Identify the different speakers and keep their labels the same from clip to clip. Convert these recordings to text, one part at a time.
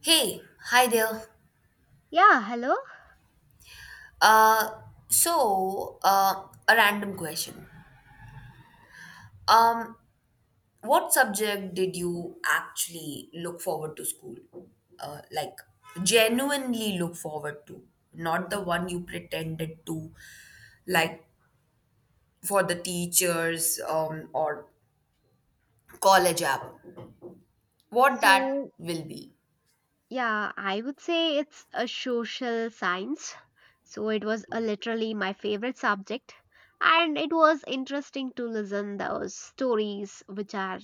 Speaker 1: Hey, hi there.
Speaker 2: Yeah, hello.
Speaker 1: Uh, so, a random question. Um, what subject did you actually look forward to school? Like, genuinely look forward to, not the one you pretended to, like for the teachers, or college app. What that
Speaker 2: So,
Speaker 1: will be.
Speaker 2: yeah, I would say it's a social science. So it was literally my favorite subject, and it was interesting to listen those stories which are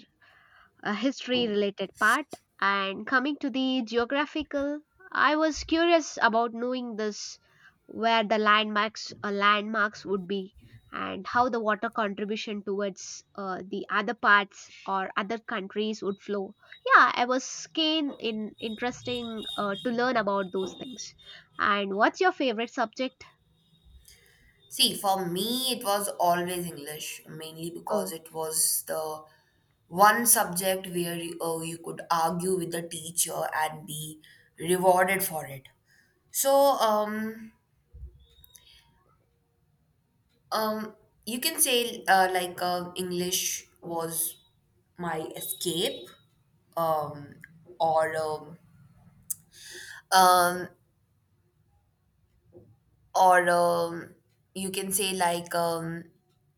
Speaker 2: a history related part. And coming to the geographical, I was curious about knowing this where the landmarks would be, and how the water contribution towards the other parts or other countries would flow. Yeah, I was keen in interesting to learn about those things. And what's your favorite subject?
Speaker 1: See, for me, it was always English, mainly because
Speaker 2: Oh,
Speaker 1: it was the one subject where you could argue with the teacher and be rewarded for it. So, um, you can say like English was my escape, um, or um, um, or you can say like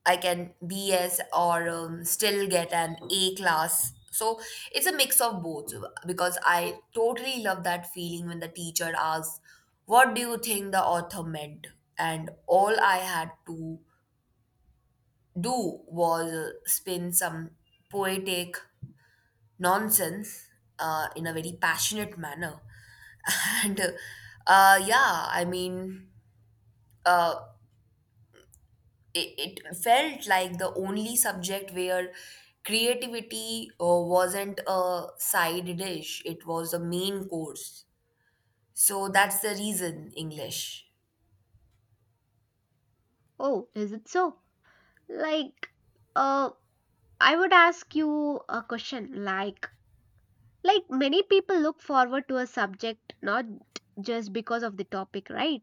Speaker 1: I can BS or still get an A class. So it's a mix of both because I totally love that feeling when the teacher asks, "What do you think the author meant?" And all I had to do was spin some poetic nonsense in a very passionate manner. And yeah, I mean, uh, it felt like the only subject where creativity wasn't a side dish, it was the main course. So that's the reason English.
Speaker 2: oh, is it so? Like, uh I would ask you a question like many people look forward to a subject not just because of the topic, right?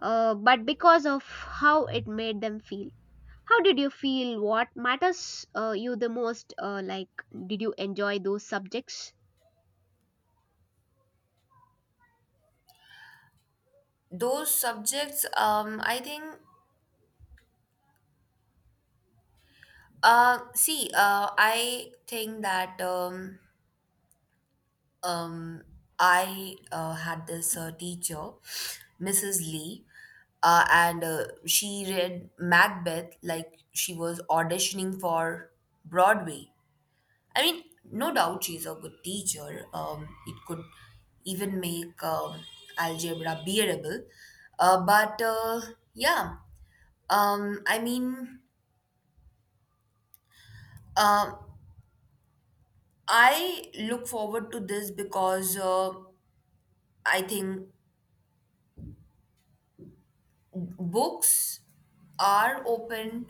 Speaker 2: But because of how it made them feel. How did you feel? What matters you the most? Like, did you enjoy those subjects?
Speaker 1: Those subjects, I think, see, I think that um, I had this teacher, Mrs. Lee, and she read Macbeth like she was auditioning for Broadway. I mean, no doubt she's a good teacher. It could even make algebra bearable. But yeah, I mean, uh, I look forward to this because I think books are open,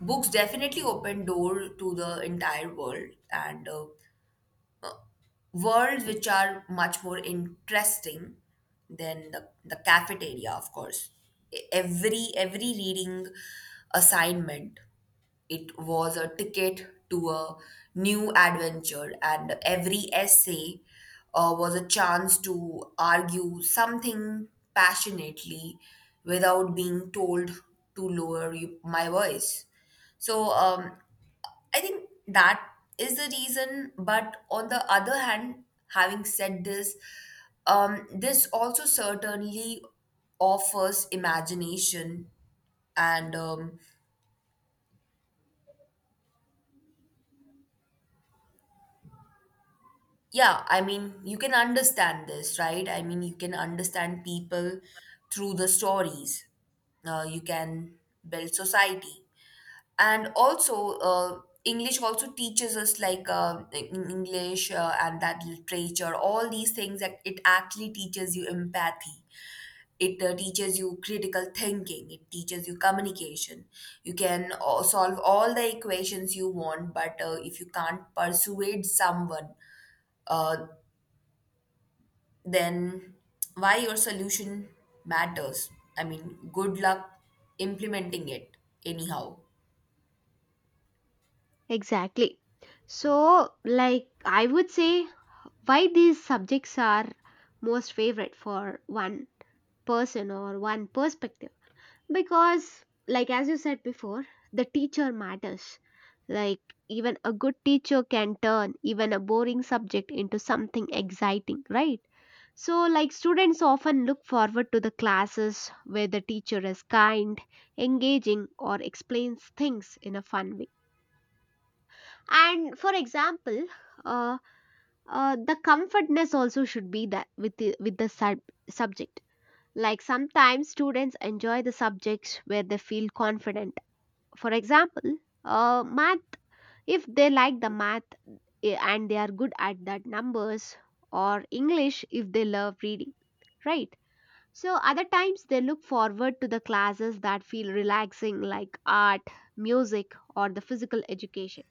Speaker 1: books definitely open door to the entire world. And worlds which are much more interesting than the cafeteria, of course. Every reading assignment, it was a ticket to a new adventure, and every essay was a chance to argue something passionately without being told to lower my voice. So, I think that is the reason. But on the other hand, having said this, this also certainly offers imagination. And yeah, I mean, you can understand this, right? I mean, you can understand people through the stories. You can build society. And also English also teaches us like in English and that literature, all these things, that it actually teaches you empathy. It teaches you critical thinking, it teaches you communication. You can solve all the equations you want, but if you can't persuade someone, uh, then why your solution matters, I mean, good luck implementing it anyhow.
Speaker 2: Exactly. So, like, I would say why these subjects are most favorite for one person or one perspective. Because, like as you said before, the teacher matters. Like, even a good teacher can turn even a boring subject into something exciting, right? So, like, students often look forward to the classes where the teacher is kind, engaging, or explains things in a fun way. And for example, uh, the comfortness also should be that with with the sub- subject. Like sometimes students enjoy the subjects where they feel confident. For example, math, if they like the math, eh, and they are good at that numbers, or English if they love reading, right? So, other times they look forward to the classes that feel relaxing, like art, music, or the physical education.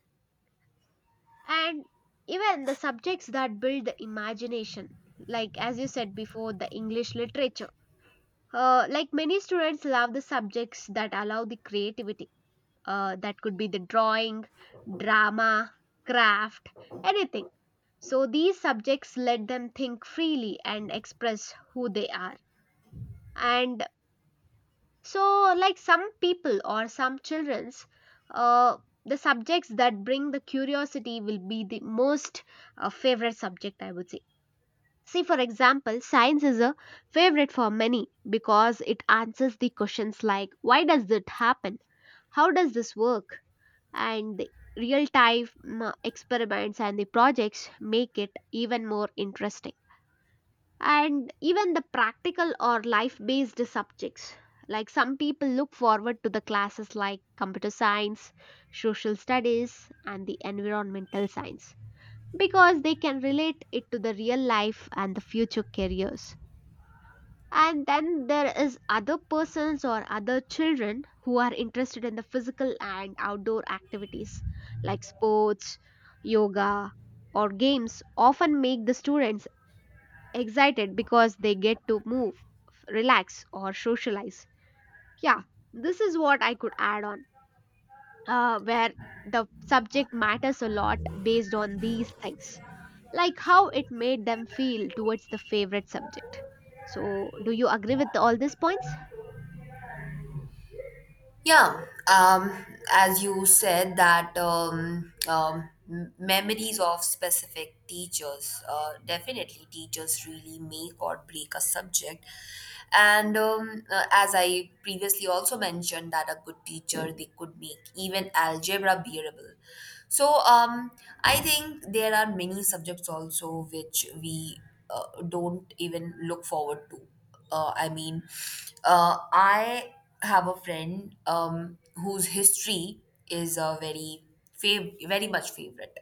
Speaker 2: And even the subjects that build the imagination, like as you said before, the English literature. Like many students love the subjects that allow the creativity, that could be the drawing, drama, craft, anything. So these subjects let them think freely and express who they are. And so, like some people or some children's, uh, the subjects that bring the curiosity will be the most favorite subject, I would say. See, for example, science is a favorite for many because it answers the questions like, why does it happen? How does this work? And the real time experiments and the projects make it even more interesting. And even the practical or life based subjects, like some people look forward to the classes like computer science, social studies, and the environmental science, because they can relate it to the real life and the future careers. And then there is other persons or other children who are interested in the physical and outdoor activities, like sports, yoga, or games, often make the students excited because they get to move, relax, or socialize. Yeah, this is what I could add on, where the subject matters a lot based on these things, like how it made them feel towards the favorite subject. So do you agree with all these points?
Speaker 1: Yeah, um, as you said that memories of specific teachers, definitely teachers really make or break a subject. And as I previously also mentioned, that a good teacher they could make even algebra bearable. So, I think there are many subjects also which we don't even look forward to. I mean, I have a friend whose history is a very much favorite,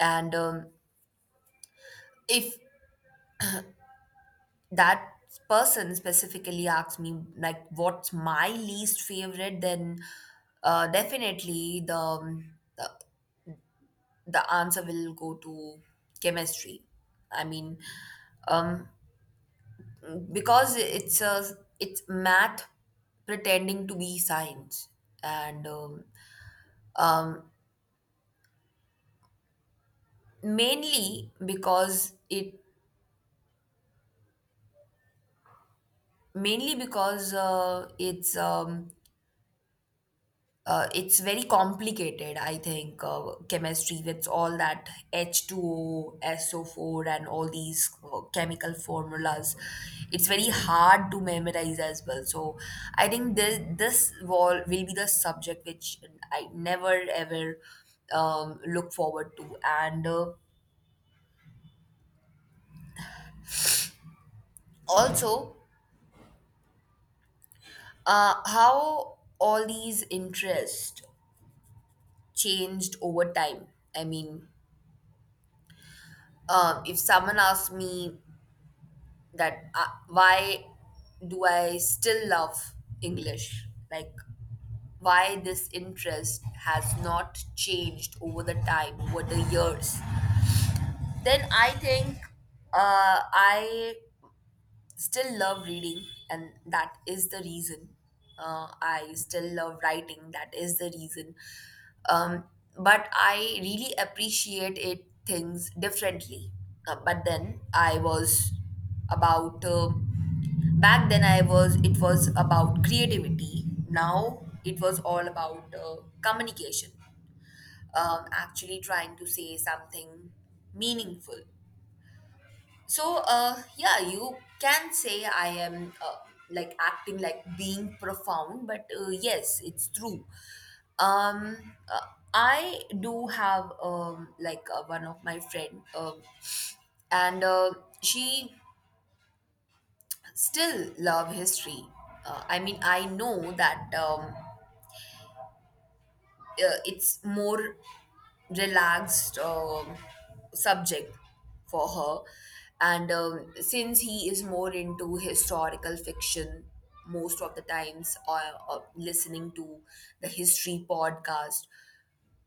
Speaker 1: and if that person specifically asks me like what's my least favorite, then definitely the answer will go to chemistry. I mean, um, because it's math pretending to be science. And um, mainly because it mainly because it's very complicated, I think, chemistry with all that H2O, SO4 and all these chemical formulas. It's very hard to memorize as well. So I think this wall will be the subject which I never ever look forward to. And also, how all these interests changed over time. I mean, if someone asks me that why do I still love English? Like, why this interest has not changed over the time, over the years? Then I think I still love reading and that is the reason. I still love writing, that is the reason. um, but I really appreciate it things differently. But then, I was about back then I was it was about creativity, now it was all about communication, actually trying to say something meaningful. So, yeah, you can say I am like acting like being profound, but yes, it's true. Um, uh, I do have like one of my friend, and she still love history. I mean, I know that. It's more relaxed subject for her, and since he is more into historical fiction most of the times, or listening to the history podcast,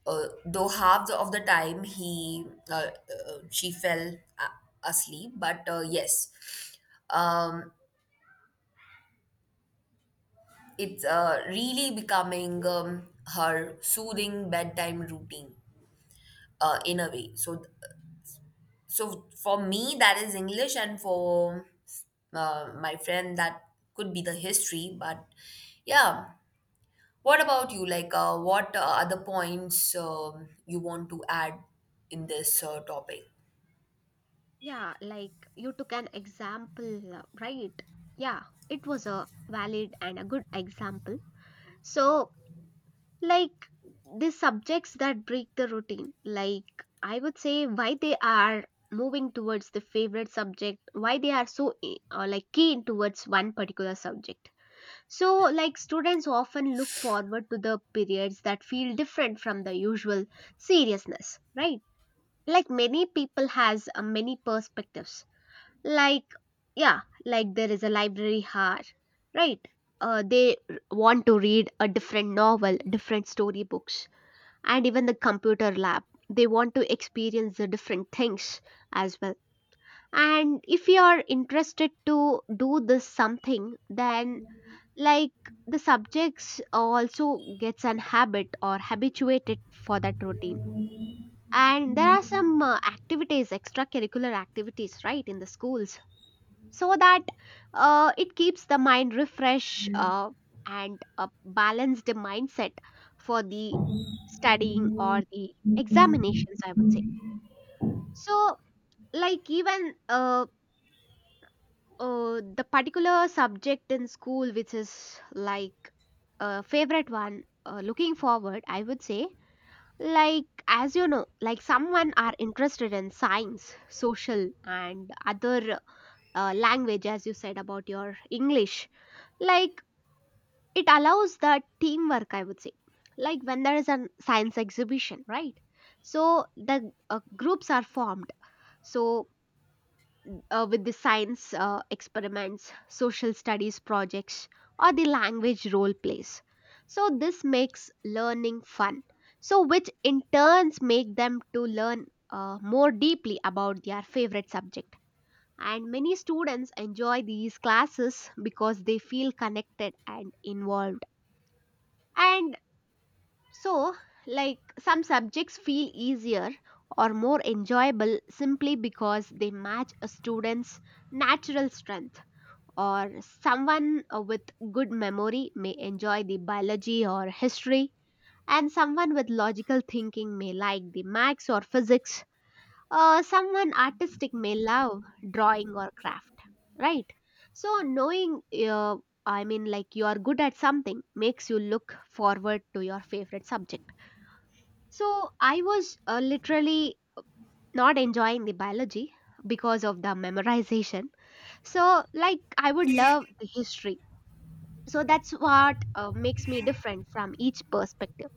Speaker 1: though of the time he uh, she fell asleep, but yes. um, it's really becoming her soothing bedtime routine, in a way. So So for me, that is English, and for my friend, that could be the history. But yeah, what about you? Like, what other points you want to add in this topic?
Speaker 2: Yeah, like you took an example, right? Yeah, it was a valid and a good example. So, like the subjects that break the routine, like I would say why they are moving towards the favorite subject, why they are so eh, like keen towards one particular subject. So, like students often look forward to the periods that feel different from the usual seriousness, right? Like many people has many perspectives, like, yeah, like there is a library here, right? Uh, they r- want to read a different novel, different storybooks. And even the computer lab, they want to experience the different things as well. And if you are interested to do this something, then, like, the subjects also gets an habit or habituated for that routine. And there are some activities, extracurricular activities, right, in the schools, so that it keeps the mind refresh and a balanced mindset for the studying or the examinations, I would say. So, like even the particular subject in school which is like a favorite one, looking forward, I would say, like as you know, like someone are interested in science, social, and other language, as you said about your English. Like, it allows that teamwork, I would say. Like when there is a science exhibition, right? So the groups are formed. So with the science experiments, social studies projects, or the language role plays. So this makes learning fun. So which in turns make them to learn more deeply about their favorite subject. And many students enjoy these classes because they feel connected and involved. And so, like some subjects feel easier or more enjoyable simply because they match a student's natural strength, or someone with good memory may enjoy the biology or history, and someone with logical thinking may like the maths or physics, or someone artistic may love drawing or craft, right? So, knowing, uh, I mean, like you are good at something makes you look forward to your favorite subject. So I was literally not enjoying the biology because of the memorization. So, like, I would love the history. So that's what makes me different from each perspective.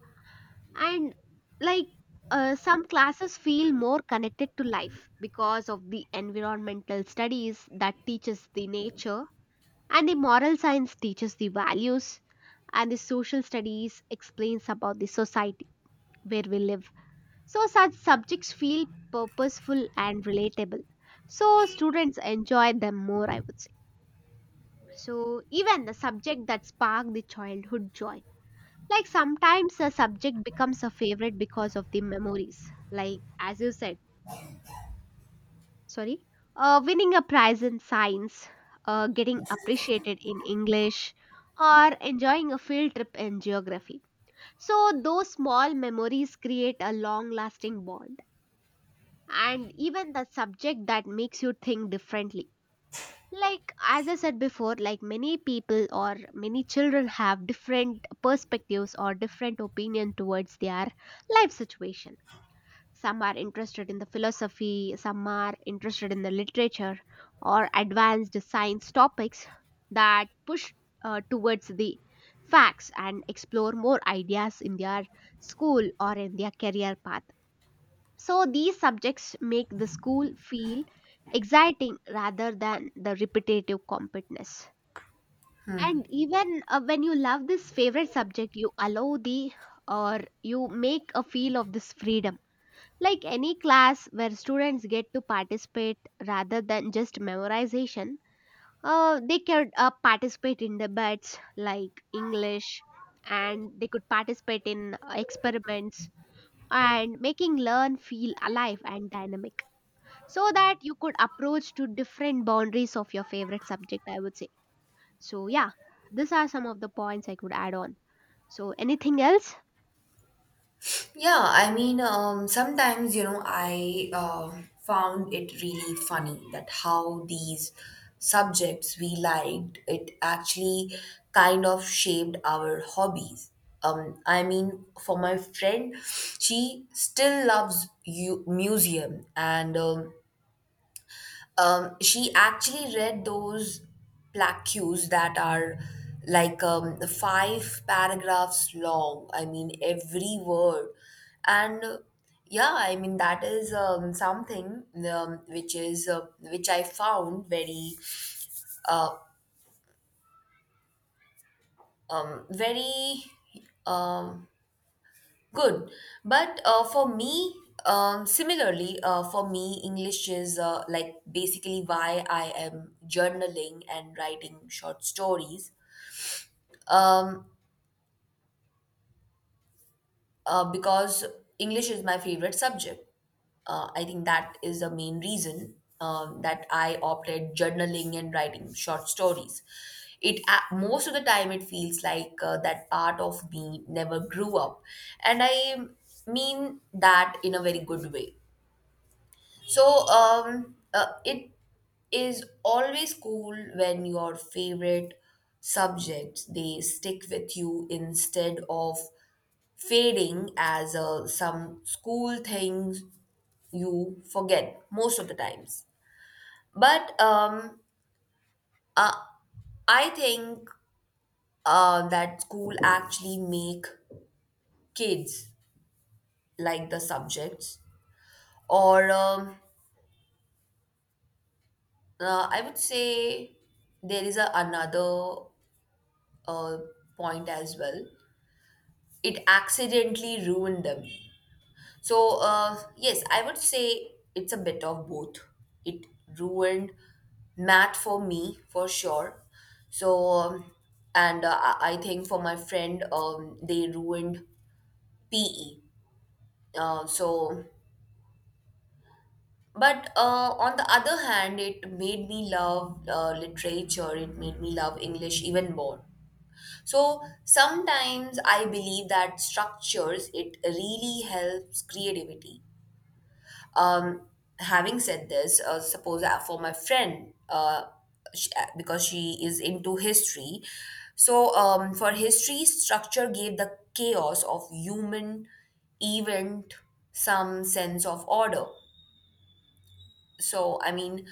Speaker 2: And like, some classes feel more connected to life because of the environmental studies that teaches the nature, and the moral science teaches the values, and the social studies explains about the society where we live. So, such subjects feel purposeful and relatable. So, students enjoy them more, I would say. So, even the subject that spark the childhood joy. Like sometimes a subject becomes a favorite because of the memories. Like, as you said, sorry, winning a prize in science, getting appreciated in English, or enjoying a field trip in geography. So, those small memories create a long lasting bond. And even the subject that makes you think differently, like as I said before, like many people or many children have different perspectives or different opinion towards their life situation. Some are interested in the philosophy, some are interested in the literature or advanced science topics that push towards the facts and explore more ideas in their school or in their career path. So these subjects make the school feel exciting rather than the repetitive competence. And even when you love this favorite subject, you allow the, or you make a feel of this freedom. Like any class where students get to participate rather than just memorization, they could participate in debates like English, and they could participate in experiments, and making learn feel alive and dynamic, so that you could approach to different boundaries of your favorite subject, I would say. So yeah, these are some of the points I could add on. So anything else?
Speaker 1: Yeah, I mean, sometimes, I found it really funny that how these subjects we liked, it actually kind of shaped our hobbies. I mean, for my friend, she still loves you museum, and she actually read those plaques that are like five paragraphs long. I mean, every word. And yeah, I mean, that is something, which I found uh, very. Um, Good. But for me, similarly, English is like basically why I am journaling and writing short stories, um, because English is my favorite subject. I think that is the main reason that I opted journaling and writing short stories. Most of the time it feels like that part of me never grew up, and I mean that in a very good way. So, it is always cool when your favorite subjects they stick with you instead of fading as some school things you forget most of the times. But uh, I think that school actually make kids like the subjects, or I would say there is a another uh, point as well. It accidentally ruined them. So, yes, I would say it's a bit of both. It ruined math for me for sure. So, and I think for my friend, they ruined PE. So, but on the other hand, it made me love literature. It made me love English even more. So sometimes I believe that structures it really helps creativity. Um, Having said this, suppose for my friend, sh because she is into history, so, for history, structure gave the chaos of human event some sense of order. So I mean,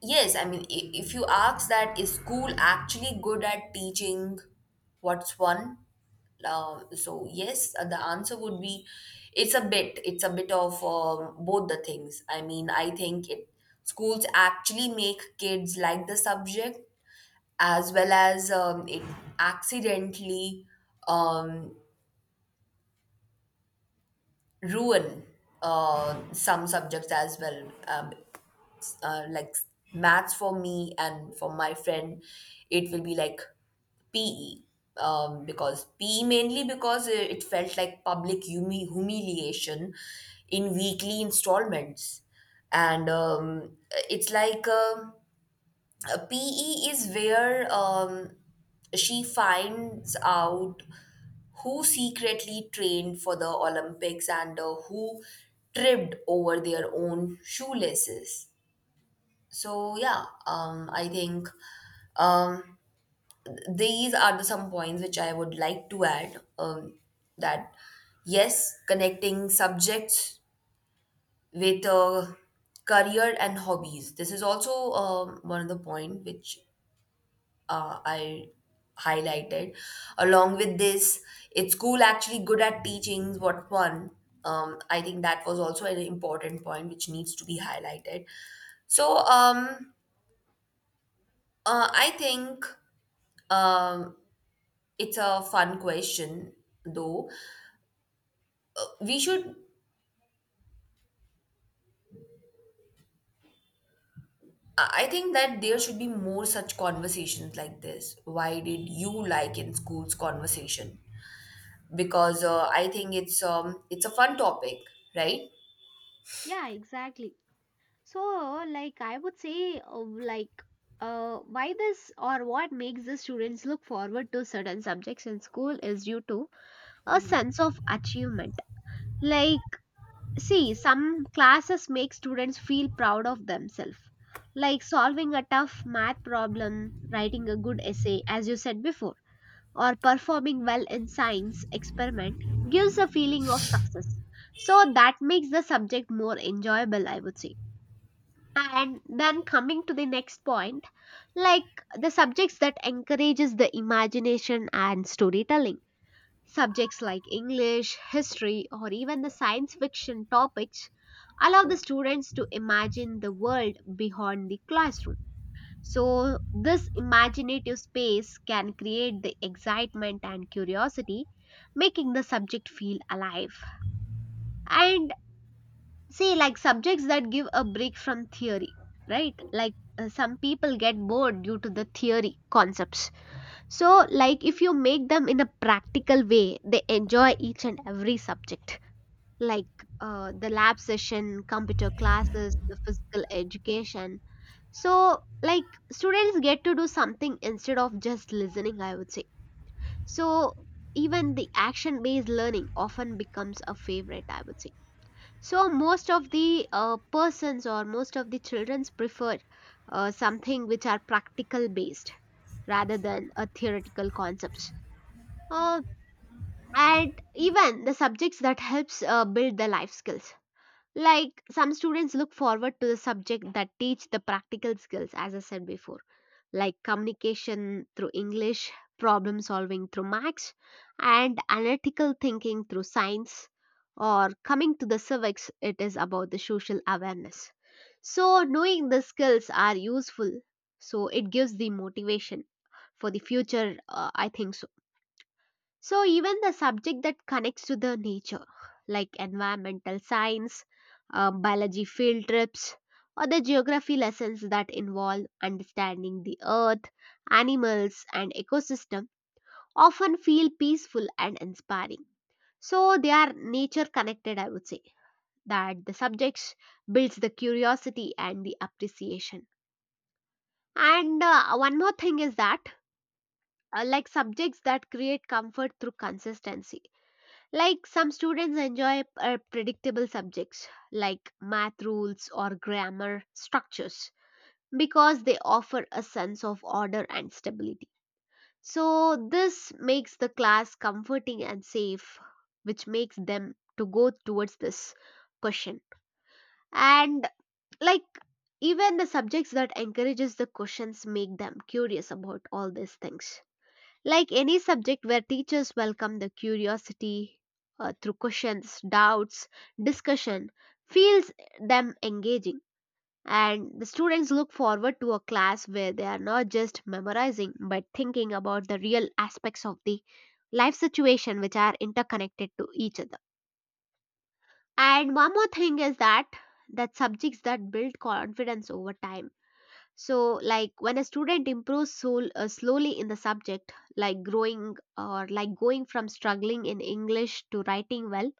Speaker 1: yes, I mean, if you ask that, is school actually good at teaching what's one? So yes, the answer would be, it's a bit. It's a bit of both the things. I mean, I think it schools actually make kids like the subject, as well as it accidentally um, ruin some subjects as well. Like maths for me and for my friend, it will be like PE. Because PE, mainly because it felt like public humiliation in weekly installments, and it's like PE is where she finds out who secretly trained for the Olympics and who tripped over their own shoelaces. So yeah, I think um, these are the some points which I would like to add. That, yes, connecting subjects with career and hobbies. This is also one of the point which I highlighted. Along with this, it's school actually good at teaching what fun. I think that was also an important point which needs to be highlighted. So, I think um, it's a fun question though. We should. I think that there should be more such conversations like this. Why did you like in schools conversation? Because I think it's a fun topic, right?
Speaker 2: Yeah, exactly. So, like, I would say, like, why this, or what makes the students look forward to certain subjects in school is due to a sense of achievement. Like, see, some classes make students feel proud of themselves, like solving a tough math problem, writing a good essay, as you said before, or performing well in science experiment gives a feeling of success. So that makes the subject more enjoyable, I would say. And then coming to the next point, like the subjects that encourages the imagination and storytelling. Subjects like English, history, or even the science fiction topics allow the students to imagine the world beyond the classroom. So, this imaginative space can create the excitement and curiosity, making the subject feel alive. And say, like subjects that give a break from theory, right? Like some people get bored due to the theory concepts, so, like if you make them in a practical way, they enjoy each and every subject, like the lab session, computer classes, the physical education. So, like students get to do something instead of just listening, I would say. So, even the action based learning often becomes a favorite, I would say. So, most of the persons or most of the childrens prefer something which are practical based rather than a theoretical concepts. Uh, and even the subjects that helps build the life skills, like some students look forward to the subject that teach the practical skills, as I said before, like communication through English, problem solving through maths, and analytical thinking through science, or coming to the civics, it is about the social awareness. So knowing the skills are useful, so it gives the motivation for the future, I think. So even the subject that connects to the nature, like environmental science, biology field trips, or the geography lessons that involve understanding the earth, animals, and ecosystem, often feel peaceful and inspiring. So they are nature connected, I would say, that the subjects builds the curiosity and the appreciation. And one more thing is that, like subjects that create comfort through consistency. Like some students enjoy predictable subjects like math rules or grammar structures, because they offer a sense of order and stability. So this makes the class comforting and safe, which makes them to go towards this question. And, like, even the subjects that encourages the questions make them curious about all these things, like any subject where teachers welcome the curiosity through questions, doubts, discussion, feels them engaging. And the students look forward to a class where they are not just memorizing but thinking about the real aspects of the life situation which are interconnected to each other. And one more thing is that subjects that build confidence over time. So, like, when a student improves slowly in the subject, like growing, or like going from struggling in English to writing well,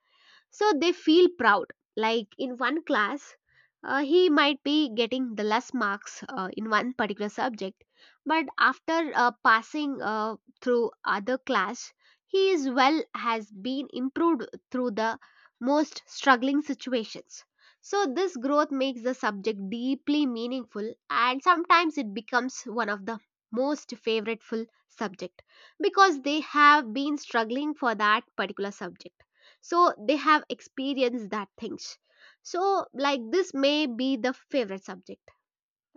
Speaker 2: so they feel proud. Like in one class, he might be getting the less marks in one particular subject, but after passing through other class, he is well has been improved through the most struggling situations. So this growth makes the subject deeply meaningful, and sometimes it becomes one of the most favoriteful subject because they have been struggling for that particular subject, so they have experienced that things. So like this may be the favorite subject.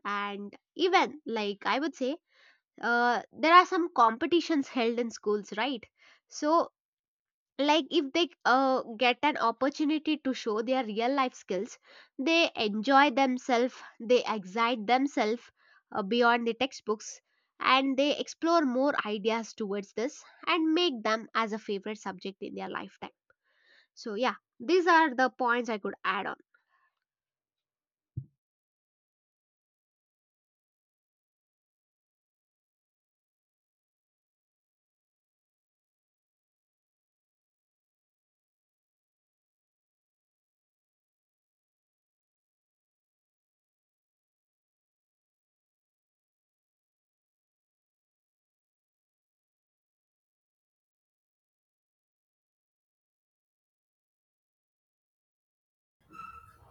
Speaker 2: And even, like, I would say, there are some competitions held in schools, right? So, like, if they get an opportunity to show their real life skills, they enjoy themselves, they excite themselves beyond the textbooks, and they explore more ideas towards this and make them as a favorite subject in their lifetime. So, yeah, these are the points I could add on.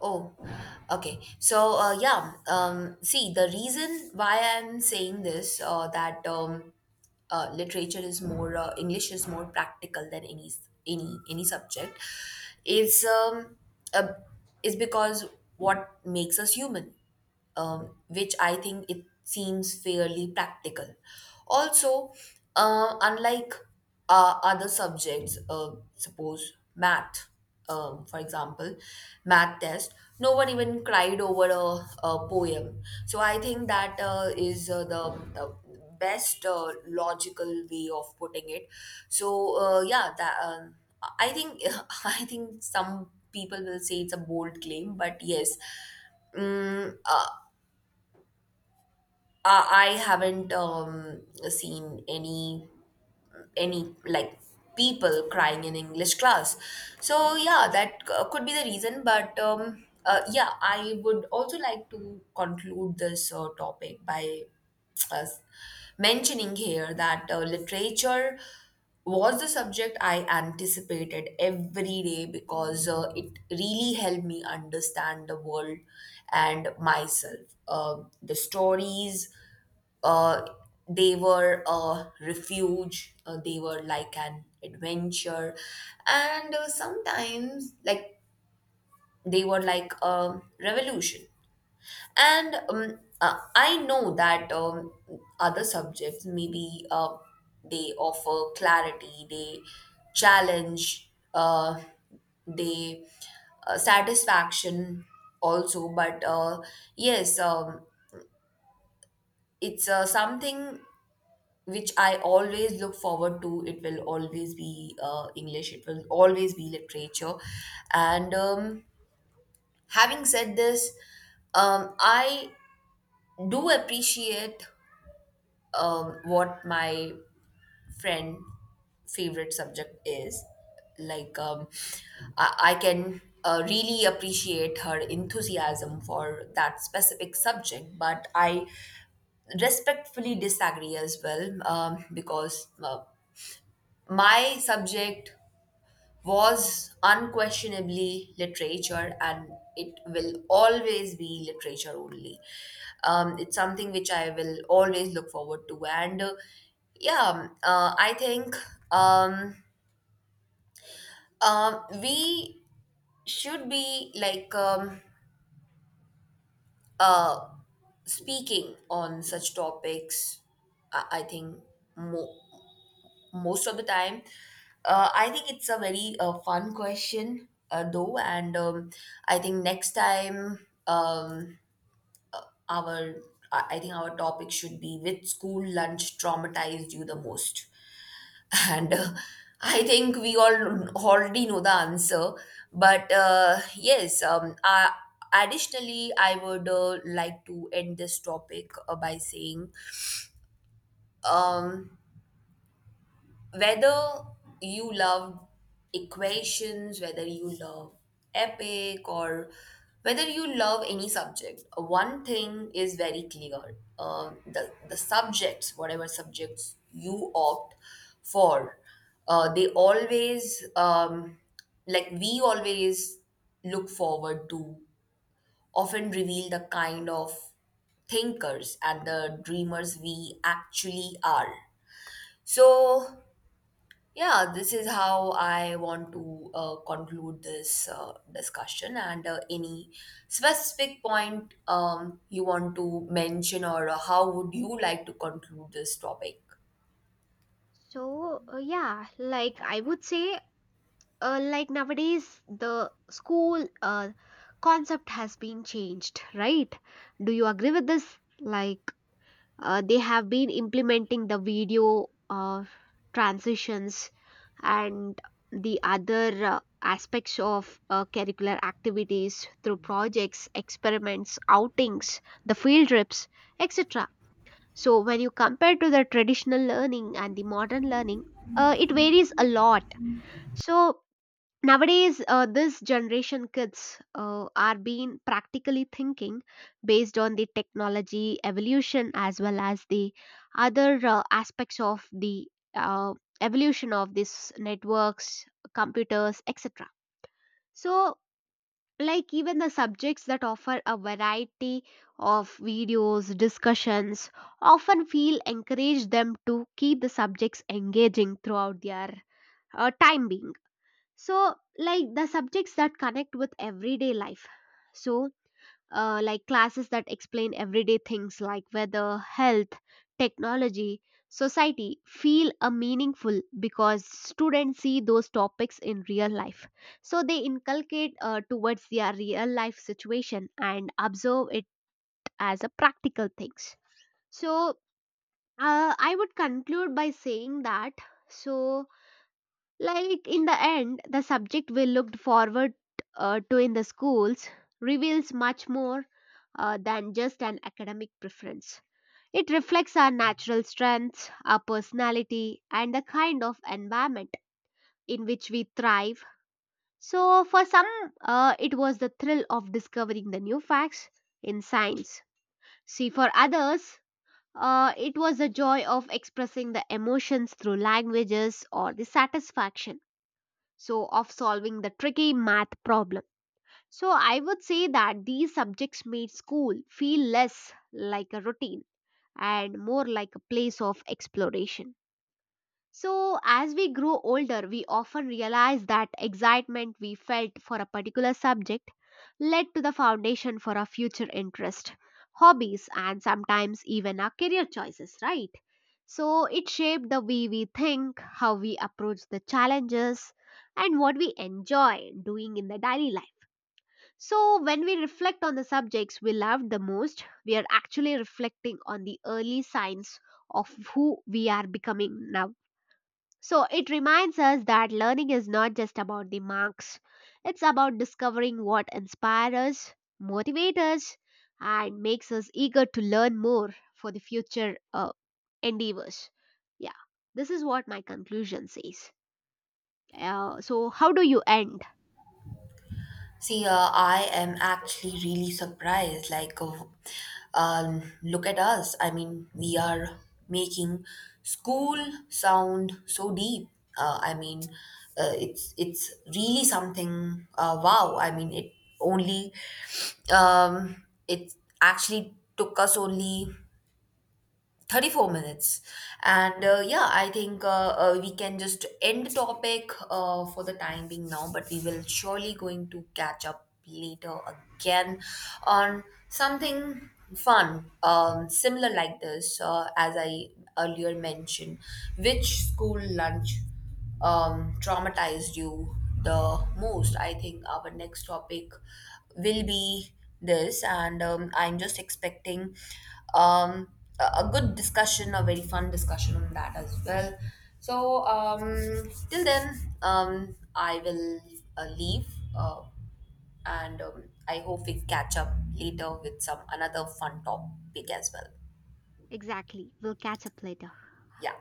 Speaker 1: Oh, okay. So, yeah, see, the reason why I'm saying this, that English is more practical than any subject, is um, uh, is because what makes us human, which I think it seems fairly practical. Also, unlike other subjects, suppose math, for example, math test, no one even cried over a poem. So I think that is the best logical way of putting it. So yeah, that I think I think some people will say it's a bold claim, but yes. Mm, uh, I haven't seen any like people crying in English class. So yeah, that could be the reason. But yeah, I would also like to conclude this topic by uh, mentioning here that literature was the subject I anticipated every day because it really helped me understand the world and myself. The stories, uh, they were a refuge, they were like an adventure, and sometimes, like, they were like a revolution. And I know that other subjects maybe they offer clarity, they challenge, they satisfaction also. But yes, it's something which I always look forward to. It will always be English, it will always be literature. And having said this, I do appreciate what my friend favorite subject is like. I can really appreciate her enthusiasm for that specific subject, but I respectfully disagree as well, because my subject was unquestionably literature, and it will always be literature only. It's something which I will always look forward to. And yeah, I think um, we should be like uh, speaking on such topics, I think, more. Most of the time I think it's a very fun question though, and I think next time our I think our topic should be which school lunch traumatized you the most. And I think we all already know the answer, but yes. Additionally I would like to end this topic by saying, um, whether you love equations, whether you love epic, or whether you love any subject, one thing is very clear. The subjects, whatever subjects you opt for, they always, like we always look forward to, often reveal the kind of thinkers and the dreamers we actually are. So, yeah, this is how I want to conclude this discussion. And any specific point you want to mention, or how would you like to conclude this topic?
Speaker 2: So, yeah, like I would say, like nowadays, the school concept has been changed, right? Do you agree with this? Like, they have been implementing the video transitions and the other aspects of curricular activities through projects, experiments, outings, the field trips, etc. So when you compare to the traditional learning and the modern learning, it varies a lot. So nowadays, this generation kids are being practically thinking based on the technology evolution, as well as the other aspects of the uh, evolution of these networks, computers, etc. So, like, even the subjects that offer a variety of videos discussions often feel encourage them to keep the subjects engaging throughout their time being. So, like, the subjects that connect with everyday life. So like classes that explain everyday things like weather, health, technology, society feel a meaningful because students see those topics in real life. So they inculcate towards their real life situation and observe it as a practical things. So I would conclude by saying that. So, like, in the end, the subject we looked forward to in the schools reveals much more than just an academic preference. It reflects our natural strengths, our personality, and the kind of environment in which we thrive. So, for some, it was the thrill of discovering the new facts in science. See, for others, it was the joy of expressing the emotions through languages, or the satisfaction so of solving the tricky math problem. So I would say that these subjects made school feel less like a routine and more like a place of exploration. So, as we grow older, we often realize that excitement we felt for a particular subject led to the foundation for our future interest, hobbies, and sometimes even our career choices, right? So, it shaped the way we think, how we approach the challenges, and what we enjoy doing in the daily life. So, when we reflect on the subjects we loved the most, we are actually reflecting on the early signs of who we are becoming now. So it reminds us that learning is not just about the marks, it's about discovering what inspires us, motivates us, and makes us eager to learn more for the future endeavors. Yeah, this is what my conclusion says. So, how do you end?
Speaker 1: See, I am actually really surprised. Like, look at us. I mean, we are making school sound so deep. I mean, it's really something. Wow. I mean, only it actually took us only 34 minutes, and yeah I think we can just end the topic for the time being now, but we will surely going to catch up later again on something fun, similar like this as I earlier mentioned, which school lunch traumatized you the most. I think our next topic will be this, and I'm just expecting um, a good discussion, a very fun discussion on that as well. So, till then, I will leave, uh, and I hope we catch up later with some another fun topic as well.
Speaker 2: Exactly. We'll catch up later.
Speaker 1: Yeah.